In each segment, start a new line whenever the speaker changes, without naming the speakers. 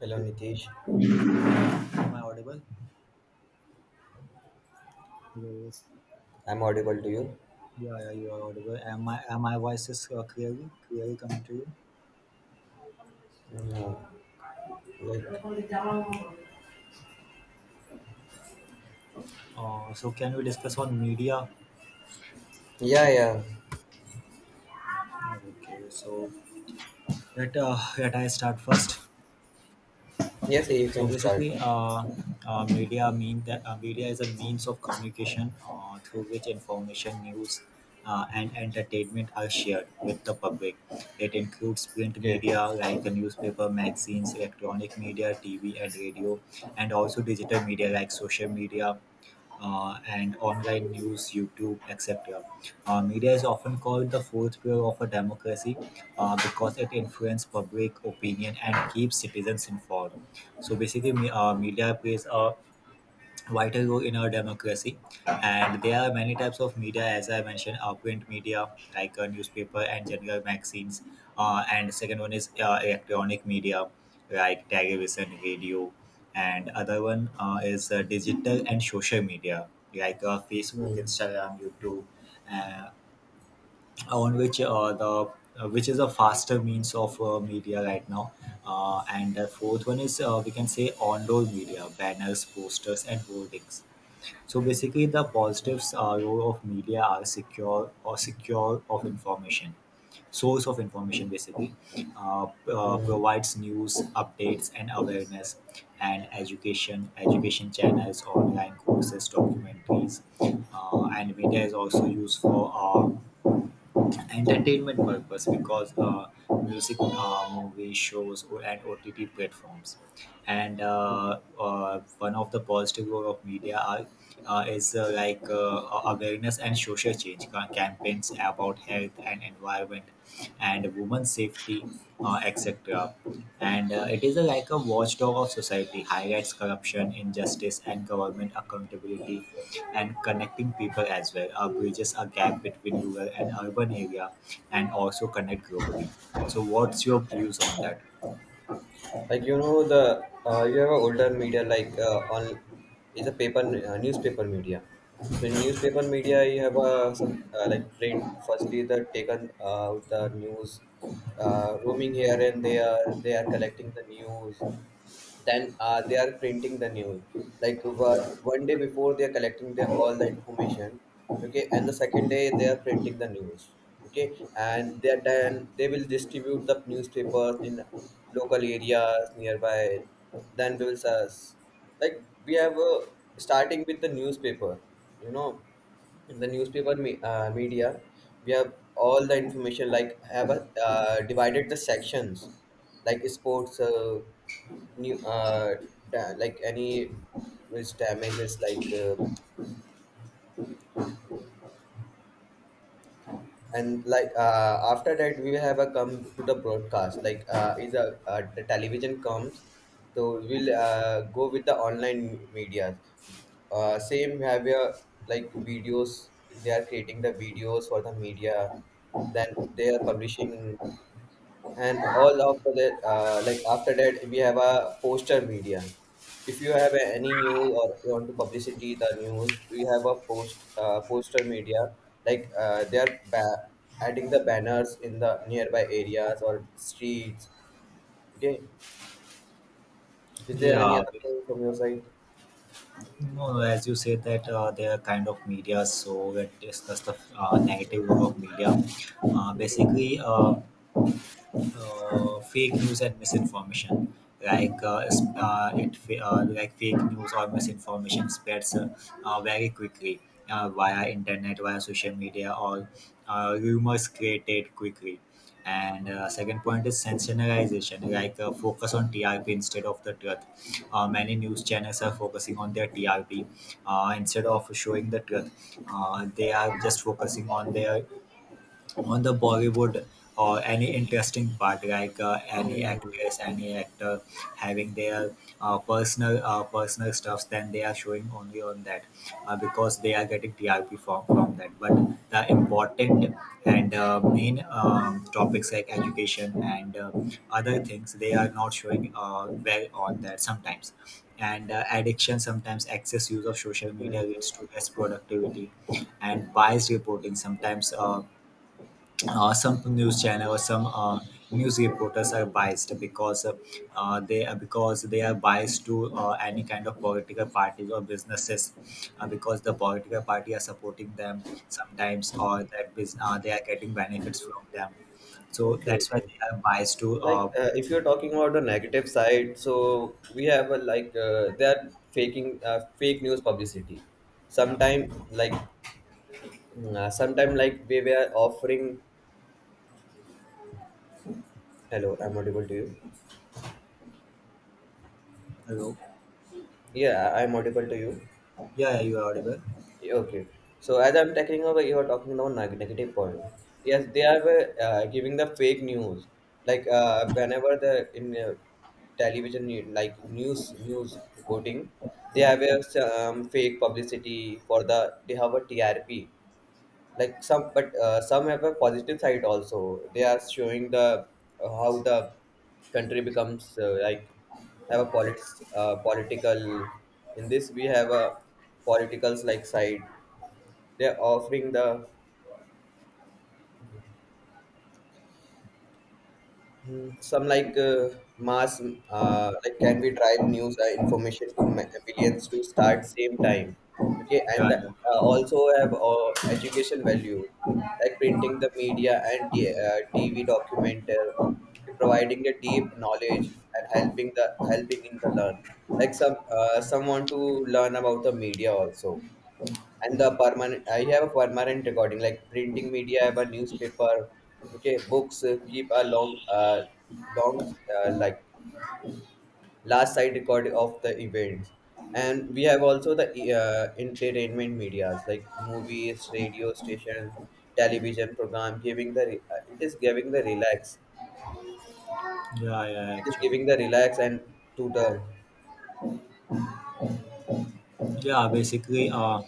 Hello
Hello,
Nitish,
am I audible? Hello.
I'm audible to you.
Yeah, yeah, you are audible. Am my voice is clearly coming to you?
No, like,
So can we discuss on media?
yeah, yeah,
Okay, so let let I start first.
yes, you
So
can start.
basically, media mean that media is a means of communication through which information, news, and entertainment are shared with the public. It includes print
Okay.
media like the newspaper, magazines, electronic media, TV, and radio, and also digital media like social media, and online news, YouTube, etc. Media is often called the fourth pillar of a democracy because it influences public opinion and keeps citizens informed. So basically, media plays a vital role in our democracy, and there are many types of media. As I mentioned, print media like newspaper and general magazines, and second one is electronic media like television, radio, and other one is digital and social media like Facebook,
Hmm.
Instagram, YouTube, uh, on which the which is a faster means of media right now. And the fourth one is we can say on-door media, banners, posters, and hoardings. So basically, the positives role of media are secure or secure of information, source of information basically,
Yeah.
provides news, updates, and awareness, and education, education channels, online courses, documentaries, and media is also used for. Entertainment purpose, because music, movie shows, or and OTT platforms. And one of the positive role of media are, is like awareness and social change campaigns about health and environment and women's safety, etc. And it is a, like a watchdog of society, highlights corruption, injustice, and government accountability and connecting people as well. Our bridges a gap between rural and urban area and also connect globally. So what's your views on that?
Like you know the you have a older media like on is a paper newspaper media. The
Yeah.
newspaper media you have some like print. Firstly, the taken the news, roaming here and they are collecting the news. Then they are printing the news like one day before they are collecting the, all the information. Okay, and the second day they are printing the news. Okay, and they are, then they will distribute the newspapers in local areas nearby. Then we will search, like we have starting with the newspaper, you know. In the newspaper, media, we have all the information, like have a, divided the sections like sports, new uh, like any, which damages, like and like after that we have a come to the broadcast, like is a the television comes. So we'll go with the online media, same have your, like videos, they are creating the videos for the media, then they are publishing. And all after that, like after that we have a poster media. If you have any news or you want to publicity the news, we have a poster media, like they are adding the banners in the nearby areas or streets. Okay, is there any
Yeah,
other point from your side?
no, no, as you said that they are kind of media, so let's discuss the negative role of media. Uh,
Hmm.
basically, uh, uh, fake news and misinformation, like it fa- like fake news or misinformation spreads very quickly via internet, via social media, or rumors created quickly. And second point is sensationalization, like focus on TRP instead of the truth. Uh, many news channels are focusing on their TRP, instead of showing the truth. Uh, they are just focusing on their, on the Bollywood or any interesting part, like any
Hmm.
actress, any actor having their personal stuffs, then they are showing only on that, because they are getting TRP from that. But the important and main topics like education and other things, they are not showing well on that sometimes. And addiction, sometimes excess use of social
Hmm.
media leads to less productivity, and biased reporting sometimes. Some news channel or some news reporters are biased, because they are biased to any kind of political parties or businesses, because the political party are supporting them sometimes, or they are getting benefits from them, so
Okay,
that's why
okay,
they are biased to
like if you're talking about the negative side, so we have a, like they are faking fake news publicity
yeah.
sometime, like mm, sometime like they were offering. Hello, I'm audible to you?
Hello.
Yeah, I'm audible to you.
Yeah, yeah, you are audible.
Okay. So as I'm tackling over, you are talking about negative point. Yes, they are giving the fake news. Like whenever the in television, like news reporting, they have a fake publicity for the. They have a TRP. Like some, but some have a positive side also. They are showing the how the country becomes like, have a politics, political, in this we have a politicals like side, they're offering the, hmm, some like mass, like can we drive news information to millions to start same time. Okay, and
Yeah,
the,
yeah.
also have education value, like printing the media and tv documentary, providing the deep knowledge and helping in the learn, like some someone to learn about the media also. And the permanent, I have a permanent recording, like printing media, I have a newspaper. Okay, books keep a long like last side record of the events. And we have also the entertainment medias, like movies, radio station, television program, giving the it is giving the relax,
Yeah, yeah,
it is
actually,
giving the relax and to the.
yeah, basically, uh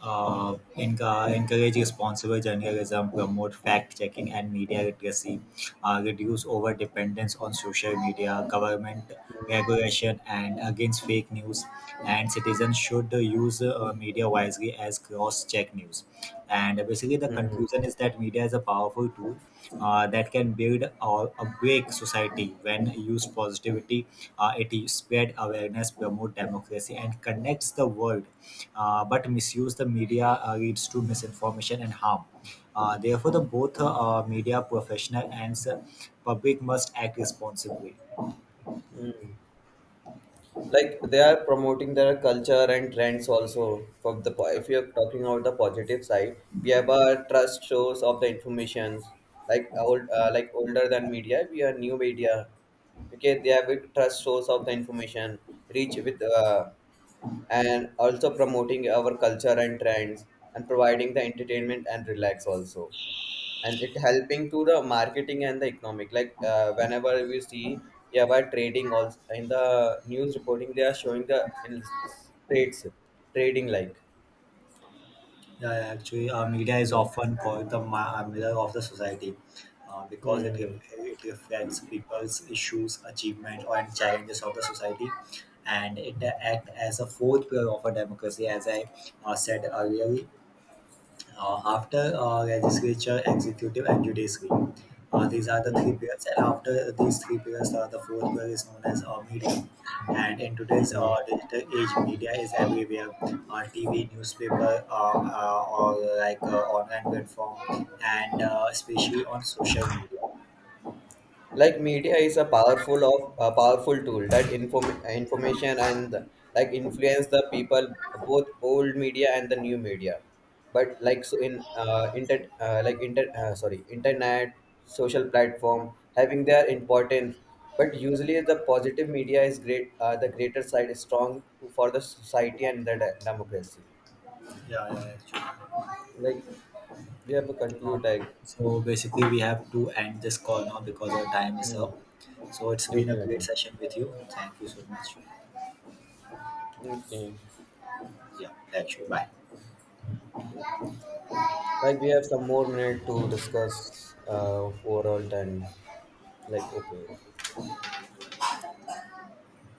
uh, enca- encourage responsible journalism, promote fact checking and media literacy, reduce over dependence on social media, government regulation, and against fake news. And citizens should use media wisely as cross check news. And basically, the
Mhm.
conclusion is that media is a powerful tool that can build or a break society. When used positivity, it spread awareness, promote democracy, and connects the world. But misuse the media leads to misinformation and harm. Therefore, the both media professional and public must act responsibly.
Mhm. Like they are promoting their culture and trends also from the if you're talking about the positive side, we have a trust source of the information, like old, like older than media we are new media. Okay, they have a trust source of the information, reach with, and also promoting our culture and trends, and providing the entertainment and relax also. And it helping to the marketing and the economic, like whenever we see, yeah, by trading also, in the news reporting they are showing the in trades, trading like.
Yeah, yeah, actually, media is
Hmm.
often called the mirror of the society, because
Hmm.
it reflects people's issues, achievements, and challenges of the society, and it acts as a fourth pillar of a democracy, as I said earlier. After legislature, executive, and judiciary, these are the three
Hmm.
pillars. And after these three pillars, the fourth pillar is known as media. And in today's
Hmm.
digital age, media is everywhere: TV, newspaper, or like online platform, and especially on social media.
Like media is a powerful of a powerful tool that inform information and like influence the people, both old media and the new media. But like so in inter like inter sorry, internet, social platform having their importance. But usually the positive media is great the greater side is strong to, for the society and the democracy.
Yeah, yeah, actually.
Like we have to
Uh,
conclude like.
so basically, we have to end this call now because our time is
Hmm.
up. So it's been a
Okay,
great
okay.
session with you. Thank you so much.
Okay.
Yeah, thank you. Bye.
Like we
Wow.
have some more minute to discuss overall time. Like okay.